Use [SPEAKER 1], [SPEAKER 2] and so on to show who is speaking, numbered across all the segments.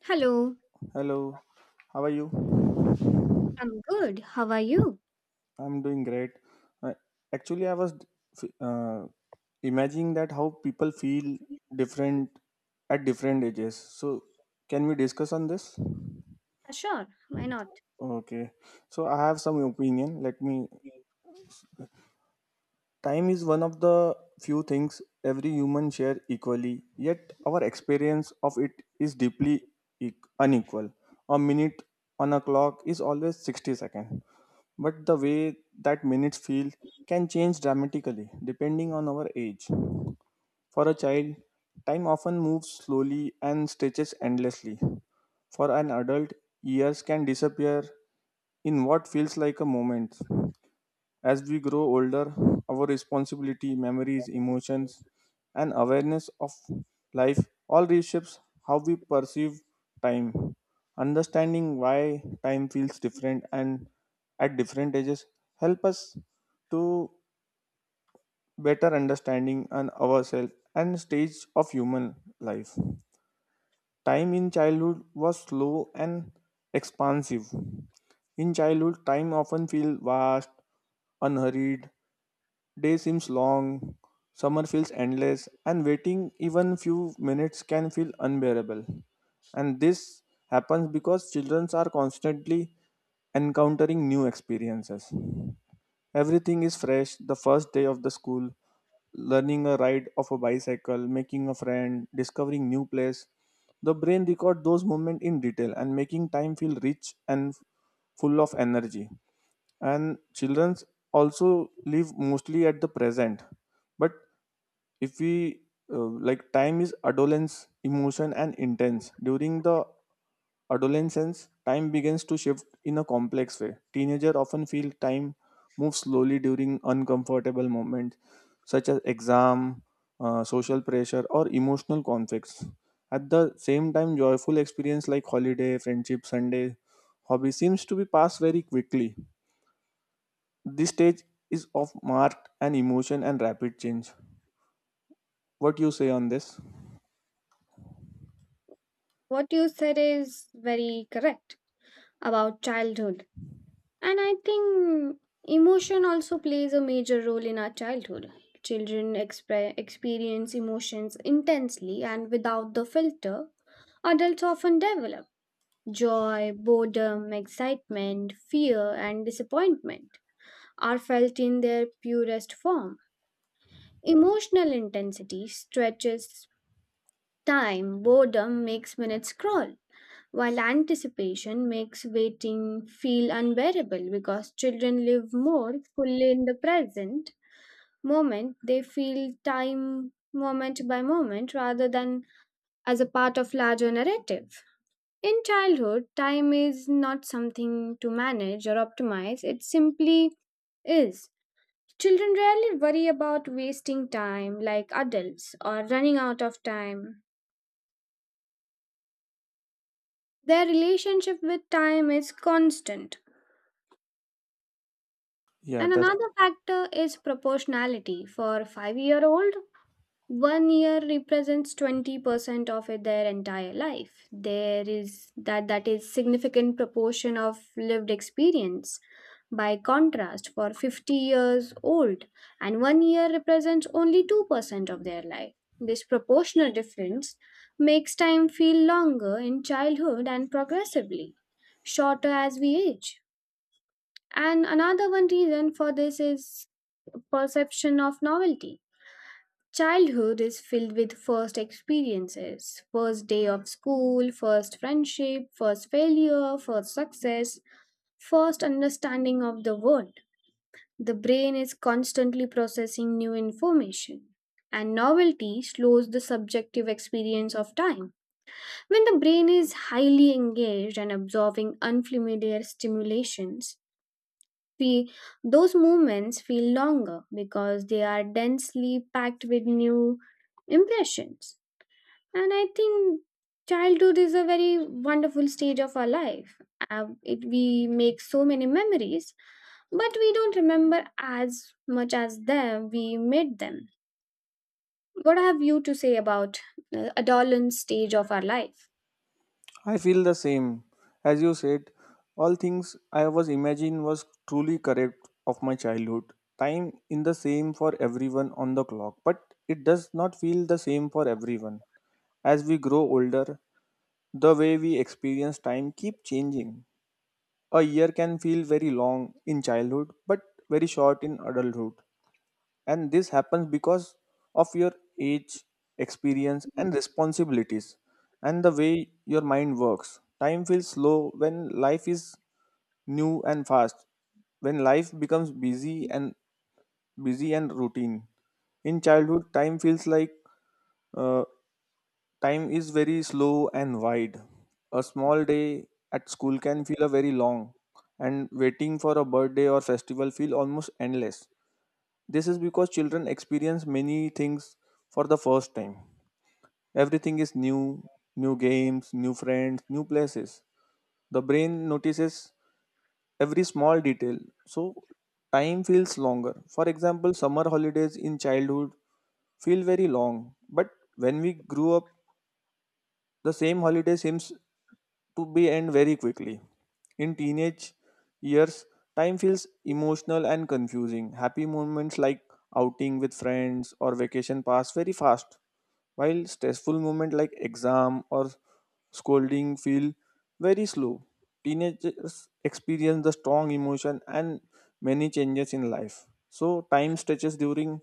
[SPEAKER 1] Hello,
[SPEAKER 2] Hello, how are you?
[SPEAKER 1] I'm good. How are you?
[SPEAKER 2] I'm doing great. Uh, Actually, I was uh, imagining that how people feel different at different ages. So, can we discuss on this?
[SPEAKER 1] Sure, why not?
[SPEAKER 2] Okay. So, I have some opinion. Let me… Time is one of the few things every human share equally, yet our experience of it is deeply e- unequal. A minute on a clock is always 60 seconds, but the way that minutes feel can change dramatically depending on our age. For a child, time often moves slowly and stretches endlessly. For an adult, years can disappear in what feels like a moment. As we grow older, our responsibility, memories, emotions, and awareness of life all reshapes how we perceive time. Understanding why time feels different and at different ages help us to better understanding and ourselves and stage of human life. Time in childhood was slow and expansive. In childhood, time often feels vast, unhurried. Day seems long, summer feels endless, and waiting even few minutes can feel unbearable. And this happens because children are constantly encountering new experiences. Everything is fresh: the first day of the school, learning a ride of a bicycle, making a friend, discovering new place. The brain record those moments in detail and making time feel rich and full of energy, and children also live mostly at the present. But if we uh, like, time is adolescence emotion and intense. During the adolescence, time begins to shift in a complex way. Teenager often feel time moves slowly during uncomfortable moments such as exam, social pressure or emotional conflicts. At the same time, joyful experience like holiday, friendship, sunday, hobby seems to be passed very quickly. This stage is of marked an emotion and rapid change. What you say on this?
[SPEAKER 1] What you said is very correct about childhood. And I think emotion also plays a major role in our childhood. Children experience emotions intensely and without the filter, adults often develop joy, boredom, excitement, fear, and disappointment are felt in their purest form. Emotional intensity stretches time, boredom makes minutes crawl, while anticipation makes waiting feel unbearable because children live more fully in the present moment. They feel time moment by moment rather than as a part of larger narrative. In childhood, time is not something to manage or optimize, it simply is. Children rarely worry about wasting time like adults or running out of time. Their relationship with time is constant.
[SPEAKER 2] Yeah,
[SPEAKER 1] And
[SPEAKER 2] that's…
[SPEAKER 1] another factor is proportionality. For 5-year-old, 1 year represents 20% of it, their entire life. There is that is significant proportion of lived experience. By contrast, for 50 years old and 1 year represents only 2% of their life. This proportional difference makes time feel longer in childhood and progressively shorter as we age. And another one reason for this is perception of novelty. Childhood is filled with first experiences, first day of school, first friendship, first failure, first success, first understanding of the world. The brain is constantly processing new information, and novelty slows the subjective experience of time. When the brain is highly engaged and absorbing unfamiliar stimulations, Fe those moments feel longer because they are densely packed with new impressions. And I think childhood is a very wonderful stage of our life. We make so many memories, but we don't remember as much as them we made them. What have you to say about adolescent stage of our life?
[SPEAKER 2] I feel the same. As you said, all things I was imagining was truly correct of my childhood. Time in the same for everyone on the clock, but it does not feel the same for everyone. As we grow older, the way we experience time keep changing. A year can feel very long in childhood, but very short in adulthood. And this happens because of your age, experience and responsibilities, and the way your mind works. Time feels slow when life is new, and fast when life becomes busy and routine. In childhood, time feels like uh, time is very slow and wide. A small day at school can feel a very long, and waiting for a birthday or festival feel almost endless. This is because children experience many things for the first time. Everything is new: new games, new friends, new places. The brain notices every small detail, so time feels longer. For example, summer holidays in childhood feel very long, but when we grew up, the same holiday seems to be end very quickly. In teenage years, time feels emotional and confusing. Happy moments like outing with friends or vacation pass very fast, while stressful moments like exam or scolding feel very slow. Teenagers experience the strong emotion and many changes in life. So time stretches during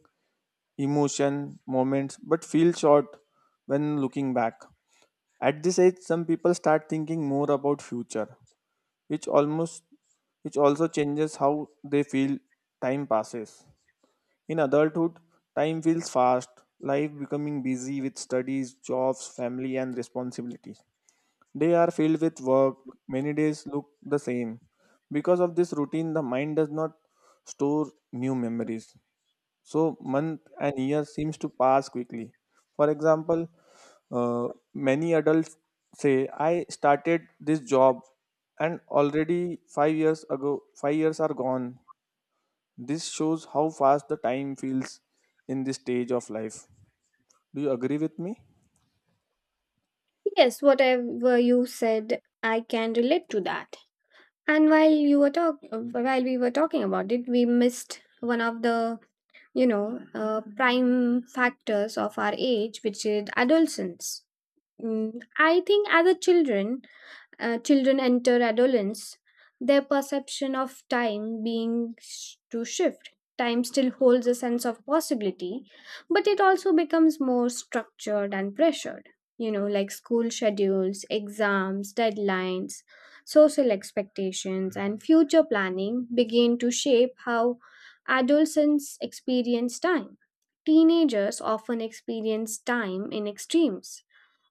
[SPEAKER 2] emotion, moments, but feel short when looking back. At this age, some people start thinking more about future, which almost which also changes how they feel time passes. In adulthood, time feels fast, life becoming busy with studies, jobs, family and responsibilities. They are filled with work, many days look the same. Because of this routine, the mind does not store new memories. So month and year seems to pass quickly. For example, uh, many adults say, "I started this job, and already 5 years ago, 5 years are gone." This shows how fast the time feels in this stage of life. Do you agree with me?
[SPEAKER 1] Yes, whatever you said, I can relate to that. And while you were while we were talking about it, we missed one of the prime factors of our age, which is adolescence. I think as a children, children enter adolescence, their perception of time being to shift. Time still holds a sense of possibility, but it also becomes more structured and pressured. You know, like school schedules, exams, deadlines, social expectations, and future planning begin to shape how adolescents experience time. Teenagers often experience time in extremes.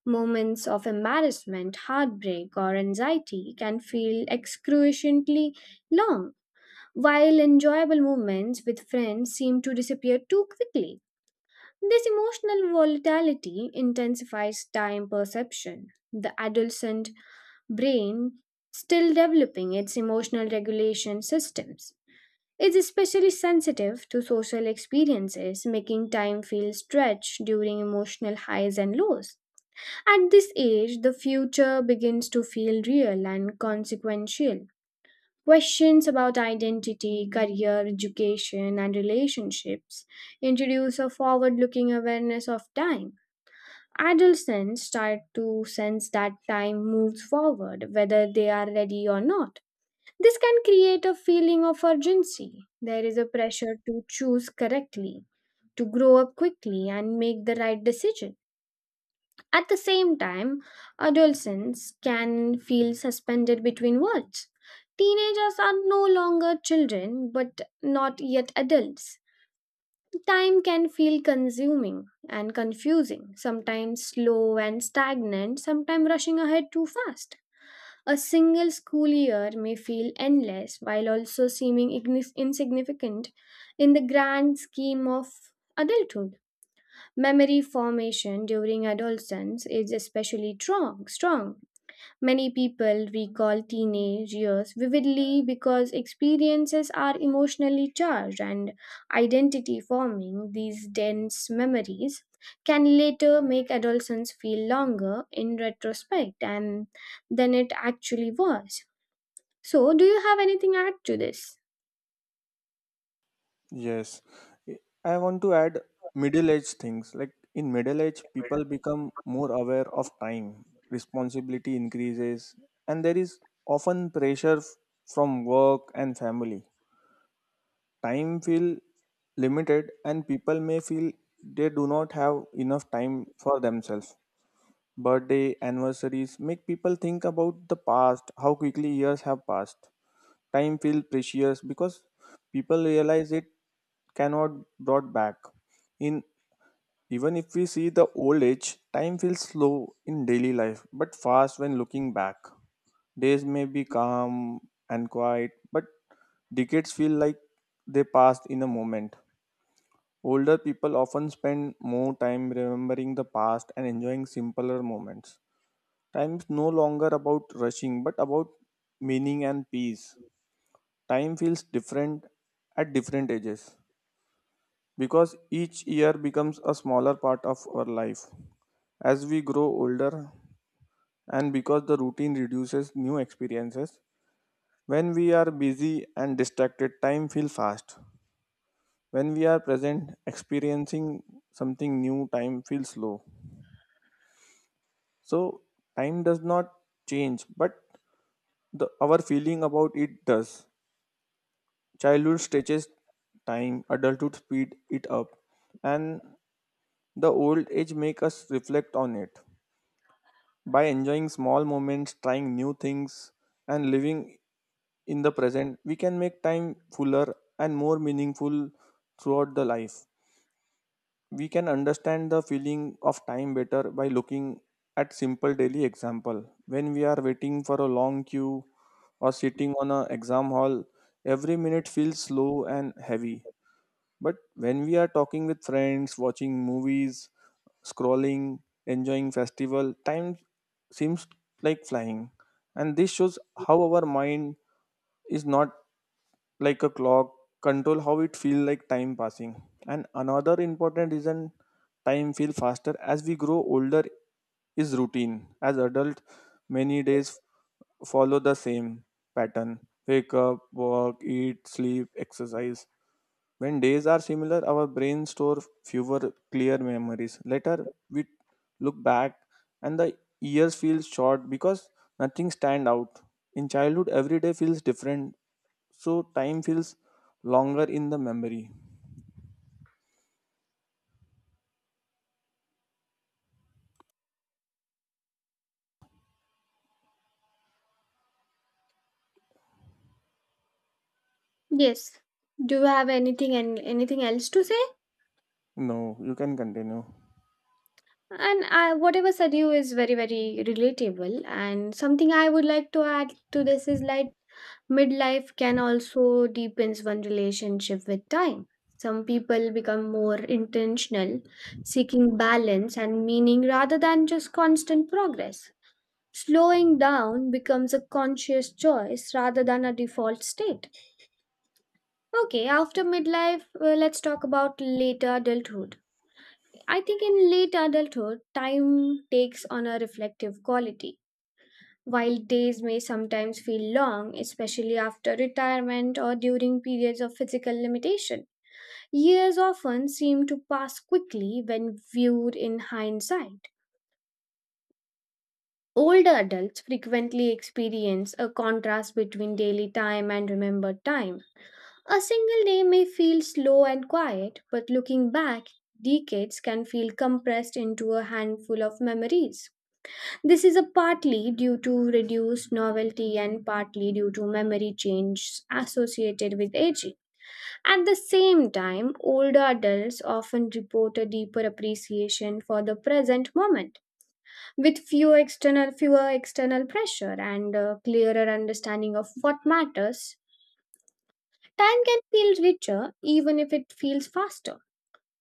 [SPEAKER 1] Moments of embarrassment, heartbreak, or anxiety can feel excruciatingly long, while enjoyable moments with friends seem to disappear too quickly. This emotional volatility intensifies time perception. The adolescent brain, still developing its emotional regulation systems, is especially sensitive to social experiences, making time feel stretched during emotional highs and lows. At this age, the future begins to feel real and consequential. Questions about identity, career, education, and relationships introduce a forward looking awareness of time. Adolescents start to sense that time moves forward, whether they are ready or not. This can create a feeling of urgency. There is a pressure to choose correctly, to grow up quickly, and make the right decision. At the same time, adolescents can feel suspended between worlds. Teenagers are no longer children but not yet adults. Time can feel consuming and confusing, sometimes slow and stagnant, sometimes rushing ahead too fast. A single school year may feel endless while also seeming insignificant in the grand scheme of adulthood. Memory formation during adolescence is especially strong. Many people recall teenage years vividly because experiences are emotionally charged and identity forming these dense memories can later make adolescence feel longer in retrospect and than it actually was. So, do you have anything to add to this?
[SPEAKER 2] Yes, I I want to add middle age things. Like in middle age, people become more aware of time, responsibility increases, and there is often pressure from work and family. Time feel limited, and people may feel they do not have enough time for themselves. Birthday anniversaries make people think about the past, how quickly years have passed. Time feels precious because people realize it cannot brought back. In… even if we see the old age, time feels slow in daily life, but fast when looking back. Days may be calm and quiet, but decades feel like they passed in a moment. Older people often spend more time remembering the past and enjoying simpler moments. Time is no longer about rushing, but about meaning and peace. Time feels different at different ages because each year becomes a smaller part of our life as we grow older, and because the routine reduces new experiences. When we are busy and distracted, time feels fast. When we are present, experiencing something new, time feels slow. So, time does not change, but our feeling about it does. Childhood stretches time, adulthood speed it up, and the old age make us reflect on it. By enjoying small moments, trying new things, and living in the present, we can make time fuller and more meaningful throughout the life. We can understand the feeling of time better by looking at simple daily example. When we are waiting for a long queue or sitting on an exam hall, every minute feels slow and heavy. But when we are talking with friends, watching movies, scrolling, enjoying festival, time seems like flying. And this shows how our mind is not like a clock, control how it feel like time passing. And another important reason time feel faster as we grow older is routine. As adult, many days follow the same pattern: wake up, work, eat, sleep, exercise. When days are similar, our brain store fewer clear memories. Later, we look back and the years feel short because nothing stand out. In childhood, every day feels different, so time feels longer in the memory.
[SPEAKER 1] Yes. Do you have anything and anything else to say?
[SPEAKER 2] No, you can continue.
[SPEAKER 1] And whatever said you is very, very relatable. And something I would like to add to this is like midlife can also deepens one relationship with time. Some people become more intentional, seeking balance and meaning rather than just constant progress. Slowing down becomes a conscious choice rather than a default state. Okay, after midlife, let's talk about later adulthood. I think in late adulthood, time takes on a reflective quality. While days may sometimes feel long, especially after retirement or during periods of physical limitation, years often seem to pass quickly when viewed in hindsight. Older adults frequently experience a contrast between daily time and remembered time. A single day may feel slow and quiet, but looking back, decades can feel compressed into a handful of memories. This is a partly due to reduced novelty and partly due to memory changes associated with aging. At the same time, older adults often report a deeper appreciation for the present moment, with fewer external pressure and a clearer understanding of what matters. Time can feel richer even if it feels faster.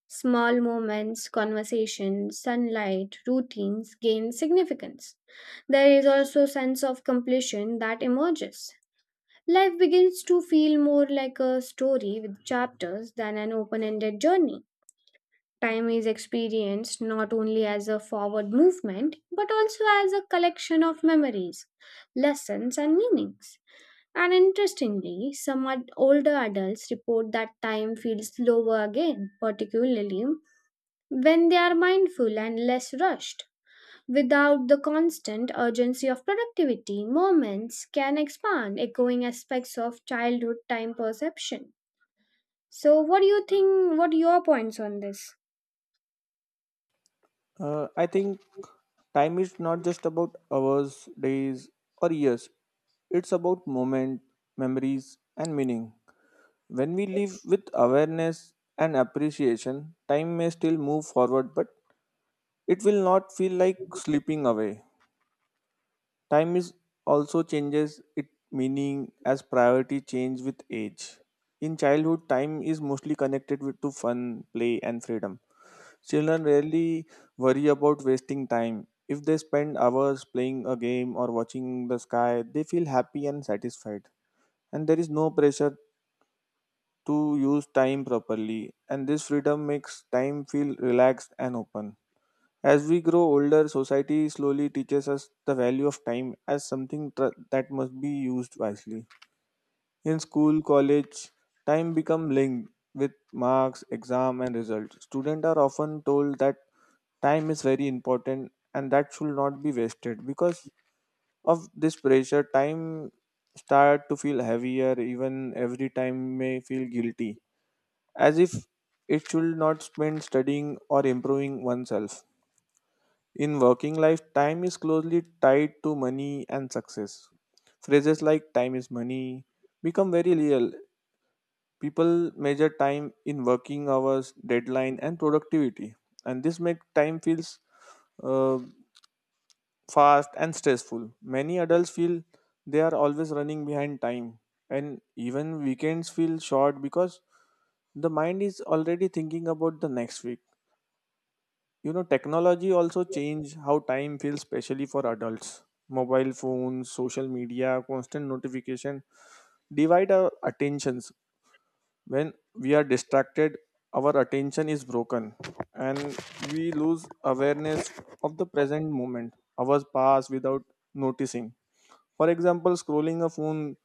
[SPEAKER 1] Small moments, conversations, sunlight, routines gain significance. There is also sense of completion that emerges. Life begins to feel more like a story with chapters than an open-ended journey. Time is experienced not only as a forward movement but also as a collection of memories, lessons, and meanings. And interestingly, some older adults report that time feels slower again, particularly when they are mindful and less rushed. Without the constant urgency of productivity, moments can expand, echoing aspects of childhood time perception. So, what do you think? What are your points on this?
[SPEAKER 2] I think time is not just about hours, days, or years. It's about moment, memories, and meaning. When we live with awareness and appreciation, time may still move forward, but it will not feel like slipping away. Time is also changes its meaning as priority change with age. In childhood, time is mostly connected with to fun, play, and freedom. Children rarely worry about wasting time. If they spend hours playing a game or watching the sky, they feel happy and satisfied. And there is no pressure to use time properly, and this freedom makes time feel relaxed and open. As we grow older, society slowly teaches us the value of time as something that must be used wisely. In school, college, time become linked with marks, exam and results. Students are often told that time is very important and that should not be wasted. Because of this pressure, time start to feel heavier, even every time may feel guilty as if it should not spend studying or improving oneself. In working life, time is closely tied to money and success. Phrases like "time is money" become very real. People measure time in working hours, deadline, and productivity, and this makes time feels uh, fast and stressful. Many adults feel they are always running behind time, and even weekends feel short because the mind is already thinking about the next week. You know, technology also change how time feels, especially for adults. Mobile phones, social media, constant notification divide our attentions. When we are distracted, our attention is broken, and we lose awareness of the present moment. Hours pass without noticing. For example, scrolling a phone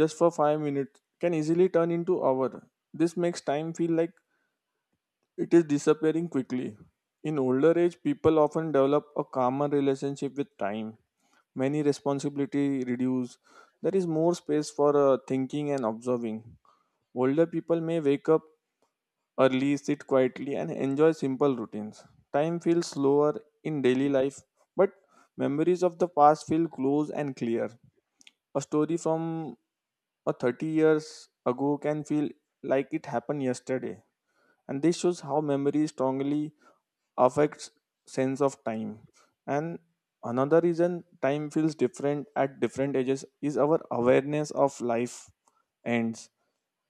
[SPEAKER 2] just for 5 minutes can easily turn into hour. This makes time feel like it is disappearing quickly. In older age, people often develop a calmer relationship with time. Many responsibility reduce, there is more space for thinking and observing. Older people may wake up early, sit quietly and enjoy simple routines. Time feels slower in daily life, but memories of the past feel close and clear. A story from a 30 years ago can feel like it happened yesterday. And this shows how memory strongly affects sense of time. And another reason time feels different at different ages is our awareness of life ends.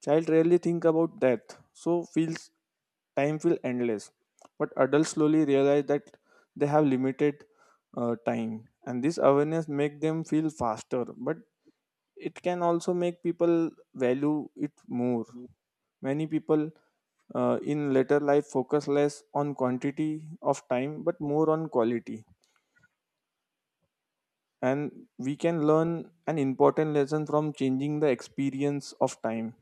[SPEAKER 2] Child rarely think about death, so feels time feel endless. But adults slowly realize that they have limited time, and this awareness make them feel faster. But it can also make people value it more. Many people in later life focus less on quantity of time but more on quality. And we can learn an important lesson from changing the experience of time.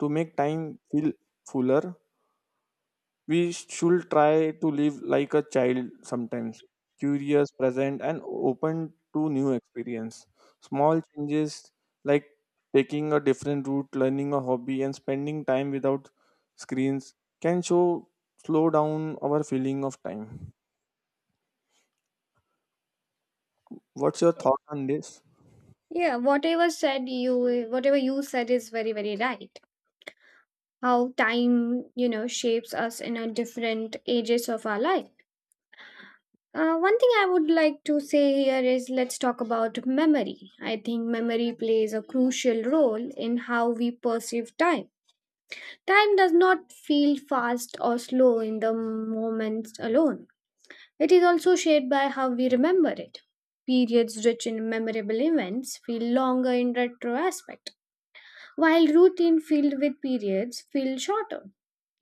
[SPEAKER 2] To make time feel fuller, we should try to live like a child sometimes: curious, present, and open to new experience. Small changes like taking a different route, learning a hobby, and spending time without screens can show slow down our feeling of time. What's your thought on this?
[SPEAKER 1] Yeah, whatever you said is very, very right. How time, you know, shapes us in our different ages of our life. One thing I would like to say here is let's talk about memory. I think memory plays a crucial role in how we perceive time. Time does not feel fast or slow in the moments alone, it is also shaped by how we remember it. Periods rich in memorable events feel longer in retrospect, while routine filled with periods feel shorter.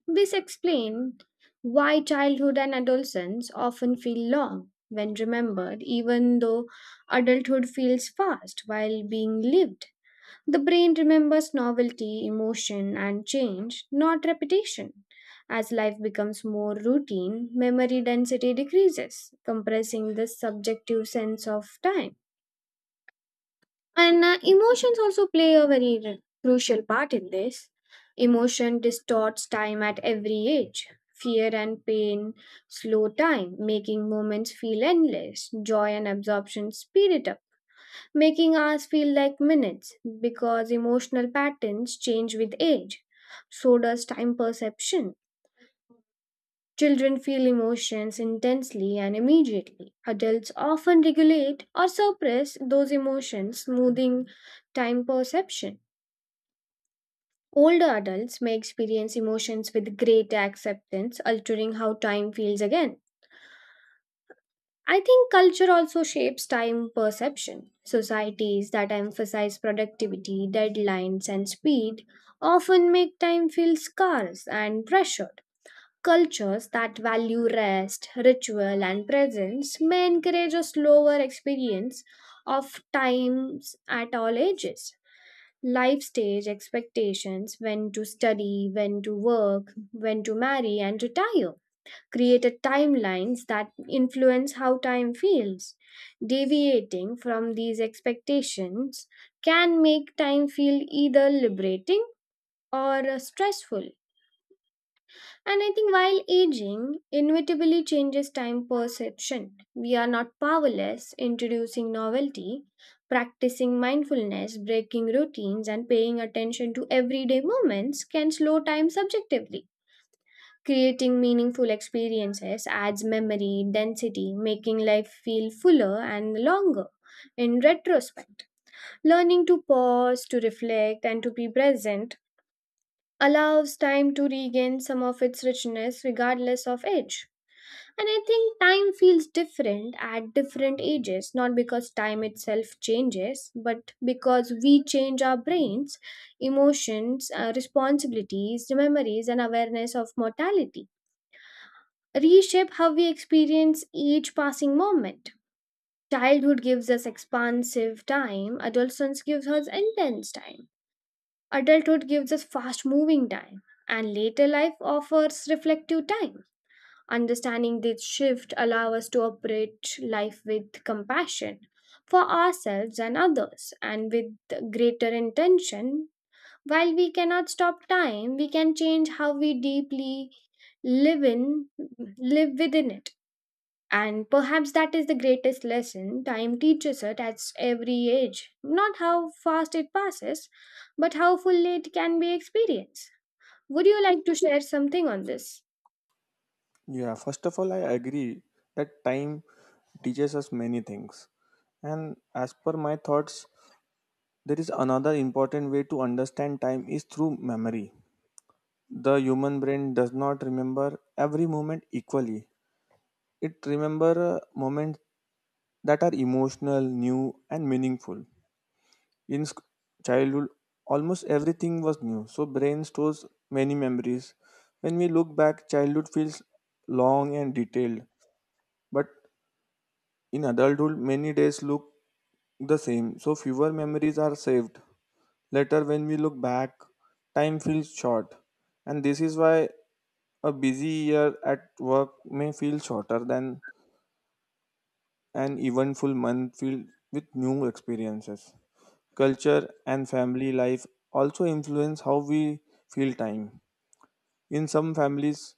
[SPEAKER 1] This explains why childhood and adolescence often feel long when remembered, even though adulthood feels fast while being lived. The brain remembers novelty, emotion, and change, not repetition. As life becomes more routine, memory density decreases, compressing the subjective sense of time. And emotions also play a very crucial part in this. Emotion distorts time at every age. Fear and pain slow time, making moments feel endless. Joy and absorption speed it up, making hours feel like minutes because emotional patterns change with age. So does time perception. Children feel emotions intensely and immediately. Adults often regulate or suppress those emotions, smoothing time perception. Older adults may experience emotions with greater acceptance, altering how time feels again. I think culture also shapes time perception. Societies that emphasize productivity, deadlines, and speed often make time feel scarce and pressured. Cultures that value rest, ritual, and presence may encourage a slower experience of times at all ages. Life stage expectations when to study, when to work, when to marry, and retire created timelines that influence how time feels. Deviating from these expectations can make time feel either liberating or stressful. And I think while aging inevitably changes time perception, we are not powerless introducing novelty, practicing mindfulness, breaking routines, and paying attention to everyday moments can slow time subjectively. Creating meaningful experiences adds memory, density, making life feel fuller and longer. In retrospect, learning to pause, to reflect, and to be present allows time to regain some of its richness regardless of age. And I think time feels different at different ages, not because time itself changes, but because we change our brains, emotions, responsibilities, memories, and awareness of mortality. Reshape how we experience each passing moment. Childhood gives us expansive time, adolescence gives us intense time. Adulthood gives us fast moving time, and later life offers reflective time. Understanding this shift allows us to operate life with compassion for ourselves and others and with greater intention. While we cannot stop time, we can change how we deeply live in live within it. And perhaps that is the greatest lesson time teaches us at every age. Not how fast it passes, but how fully it can be experienced. Would you like to share something on this?
[SPEAKER 2] Yeah, first of all, I agree that time teaches us many things. And as per my thoughts, there is another important way to understand time is through memory. The human brain does not remember every moment equally. It remembers moments that are emotional, new and meaningful. in sc- childhood, almost everything was new, so brain stores many memories. When we look back, childhood feels long and detailed, but in adulthood, many days look the same, so fewer memories are saved. Later, when we look back, time feels short, and this is why a busy year at work may feel shorter than an eventful month filled with new experiences. Culture and family life also influence how we feel time. In some families,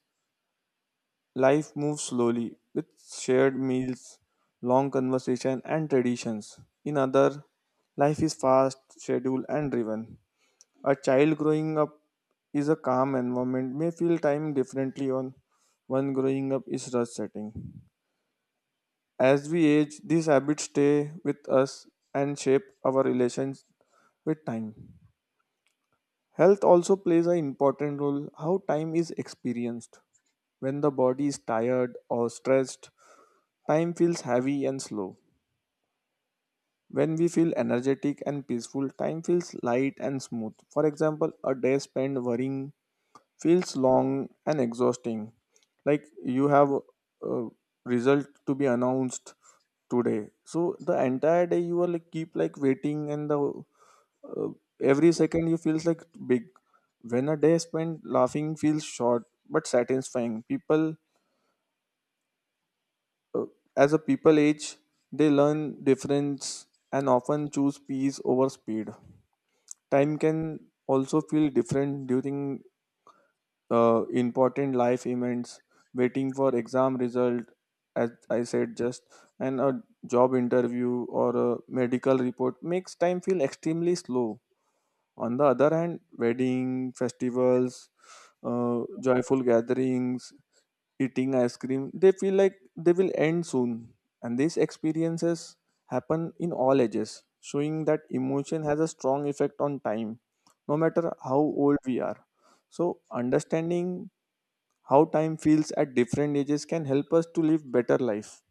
[SPEAKER 2] life moves slowly with shared meals, long conversation and traditions. In other, life is fast, scheduled and driven. A child growing up is a calm environment may feel time differently on one growing up is rush setting. As we age, these habits stay with us and shape our relations with time. Health also plays an important role how time is experienced. When the body is tired or stressed, time feels heavy and slow. When we feel energetic and peaceful, time feels light and smooth. For example, a day spent worrying feels long and exhausting. Like you have a result to be announced today. So the entire day you are like keep like waiting, and the uh, every second you feels like big. When a day spent laughing feels short but satisfying. People uh, as a people age, they learn difference and often choose peace over speed. Time can also feel different during important life events. Waiting for exam result, as I said just, and a job interview or a medical report makes time feel extremely slow. On the other hand, wedding, festivals, joyful gatherings, eating ice cream, they feel like they will end soon. And these experiences happen in all ages, showing that emotion has a strong effect on time, no matter how old we are. So, understanding how time feels at different ages can help us to live better life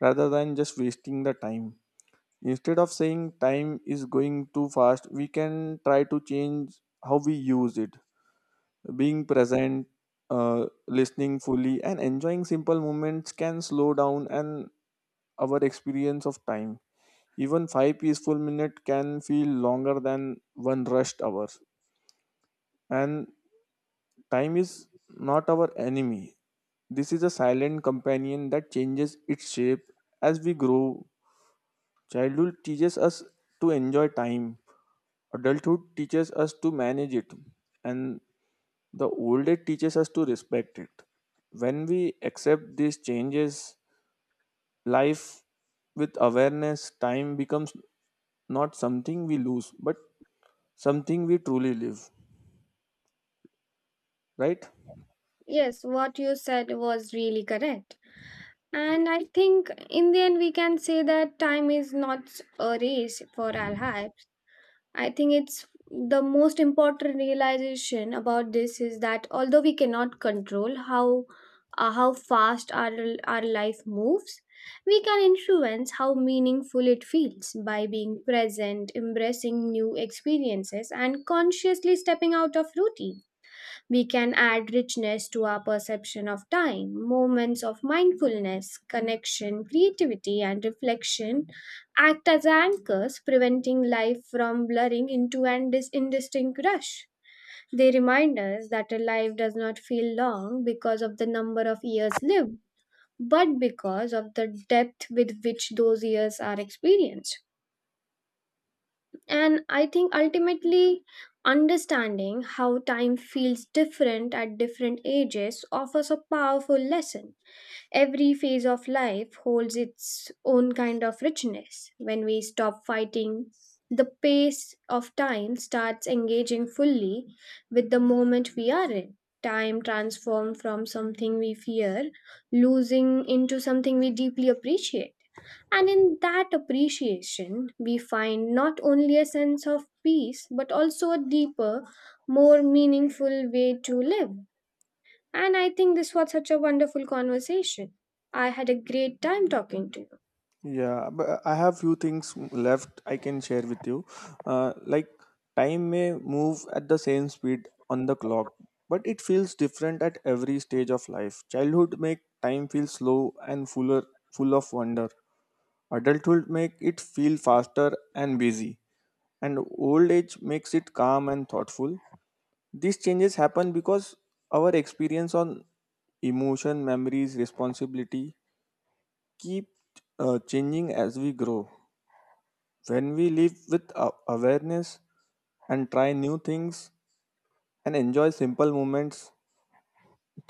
[SPEAKER 2] rather than just wasting the time. Instead of saying time is going too fast, we can try to change how we use it. Being present, listening fully, and enjoying simple moments can slow down and our experience of time. Even 5 peaceful minutes can feel longer than one rushed hour. And time is not our enemy. This is a silent companion that changes its shape as we grow. Childhood teaches us to enjoy time. Adulthood teaches us to manage it, and the old age teaches us to respect it. When we accept these changes, life with awareness, time becomes not something we lose, but something we truly live, right?
[SPEAKER 1] Yes, what you said was really correct. And I think in the end, we can say that time is not a race for our life. I think it's the most important realization about this is that although we cannot control how fast our life moves, we can influence how meaningful it feels by being present, embracing new experiences, and consciously stepping out of routine. We can add richness to our perception of time. Moments of mindfulness, connection, creativity, and reflection act as anchors, preventing life from blurring into an indistinct rush. They remind us that a life does not feel long because of the number of years lived, but because of the depth with which those years are experienced. And I think ultimately, understanding how time feels different at different ages offers a powerful lesson. Every phase of life holds its own kind of richness. When we stop fighting, the pace of time starts engaging fully with the moment we are in. Time transformed from something we fear, losing into something we deeply appreciate. And in that appreciation, we find not only a sense of peace, but also a deeper, more meaningful way to live. And I think this was such a wonderful conversation. I had a great time talking to you.
[SPEAKER 2] Yeah, but I have few things left I can share with you. Like time may move at the same speed on the clock, but it feels different at every stage of life. Childhood make time feel slow and fuller, full of wonder. Adulthood make it feel faster and busy, and old age makes it calm and thoughtful. These changes happen because our experience on emotion, memories, responsibility keep changing as we grow. When we live with awareness and try new things and enjoy simple moments,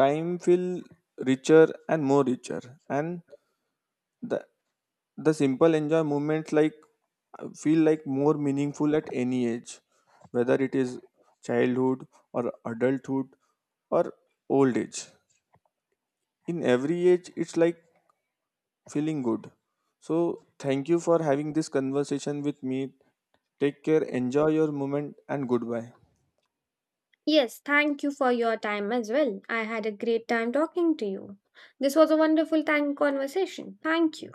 [SPEAKER 2] time feel richer and more richer. And the the simple enjoy moments like feel like more meaningful at any age, whether it is childhood or adulthood or old age. In every age, it's like feeling good. So thank you for having this conversation with me. Take care, enjoy your moment, and goodbye.
[SPEAKER 1] Yes, thank you for your time as well. I had a great time talking to you. This was a wonderful time conversation. Thank you.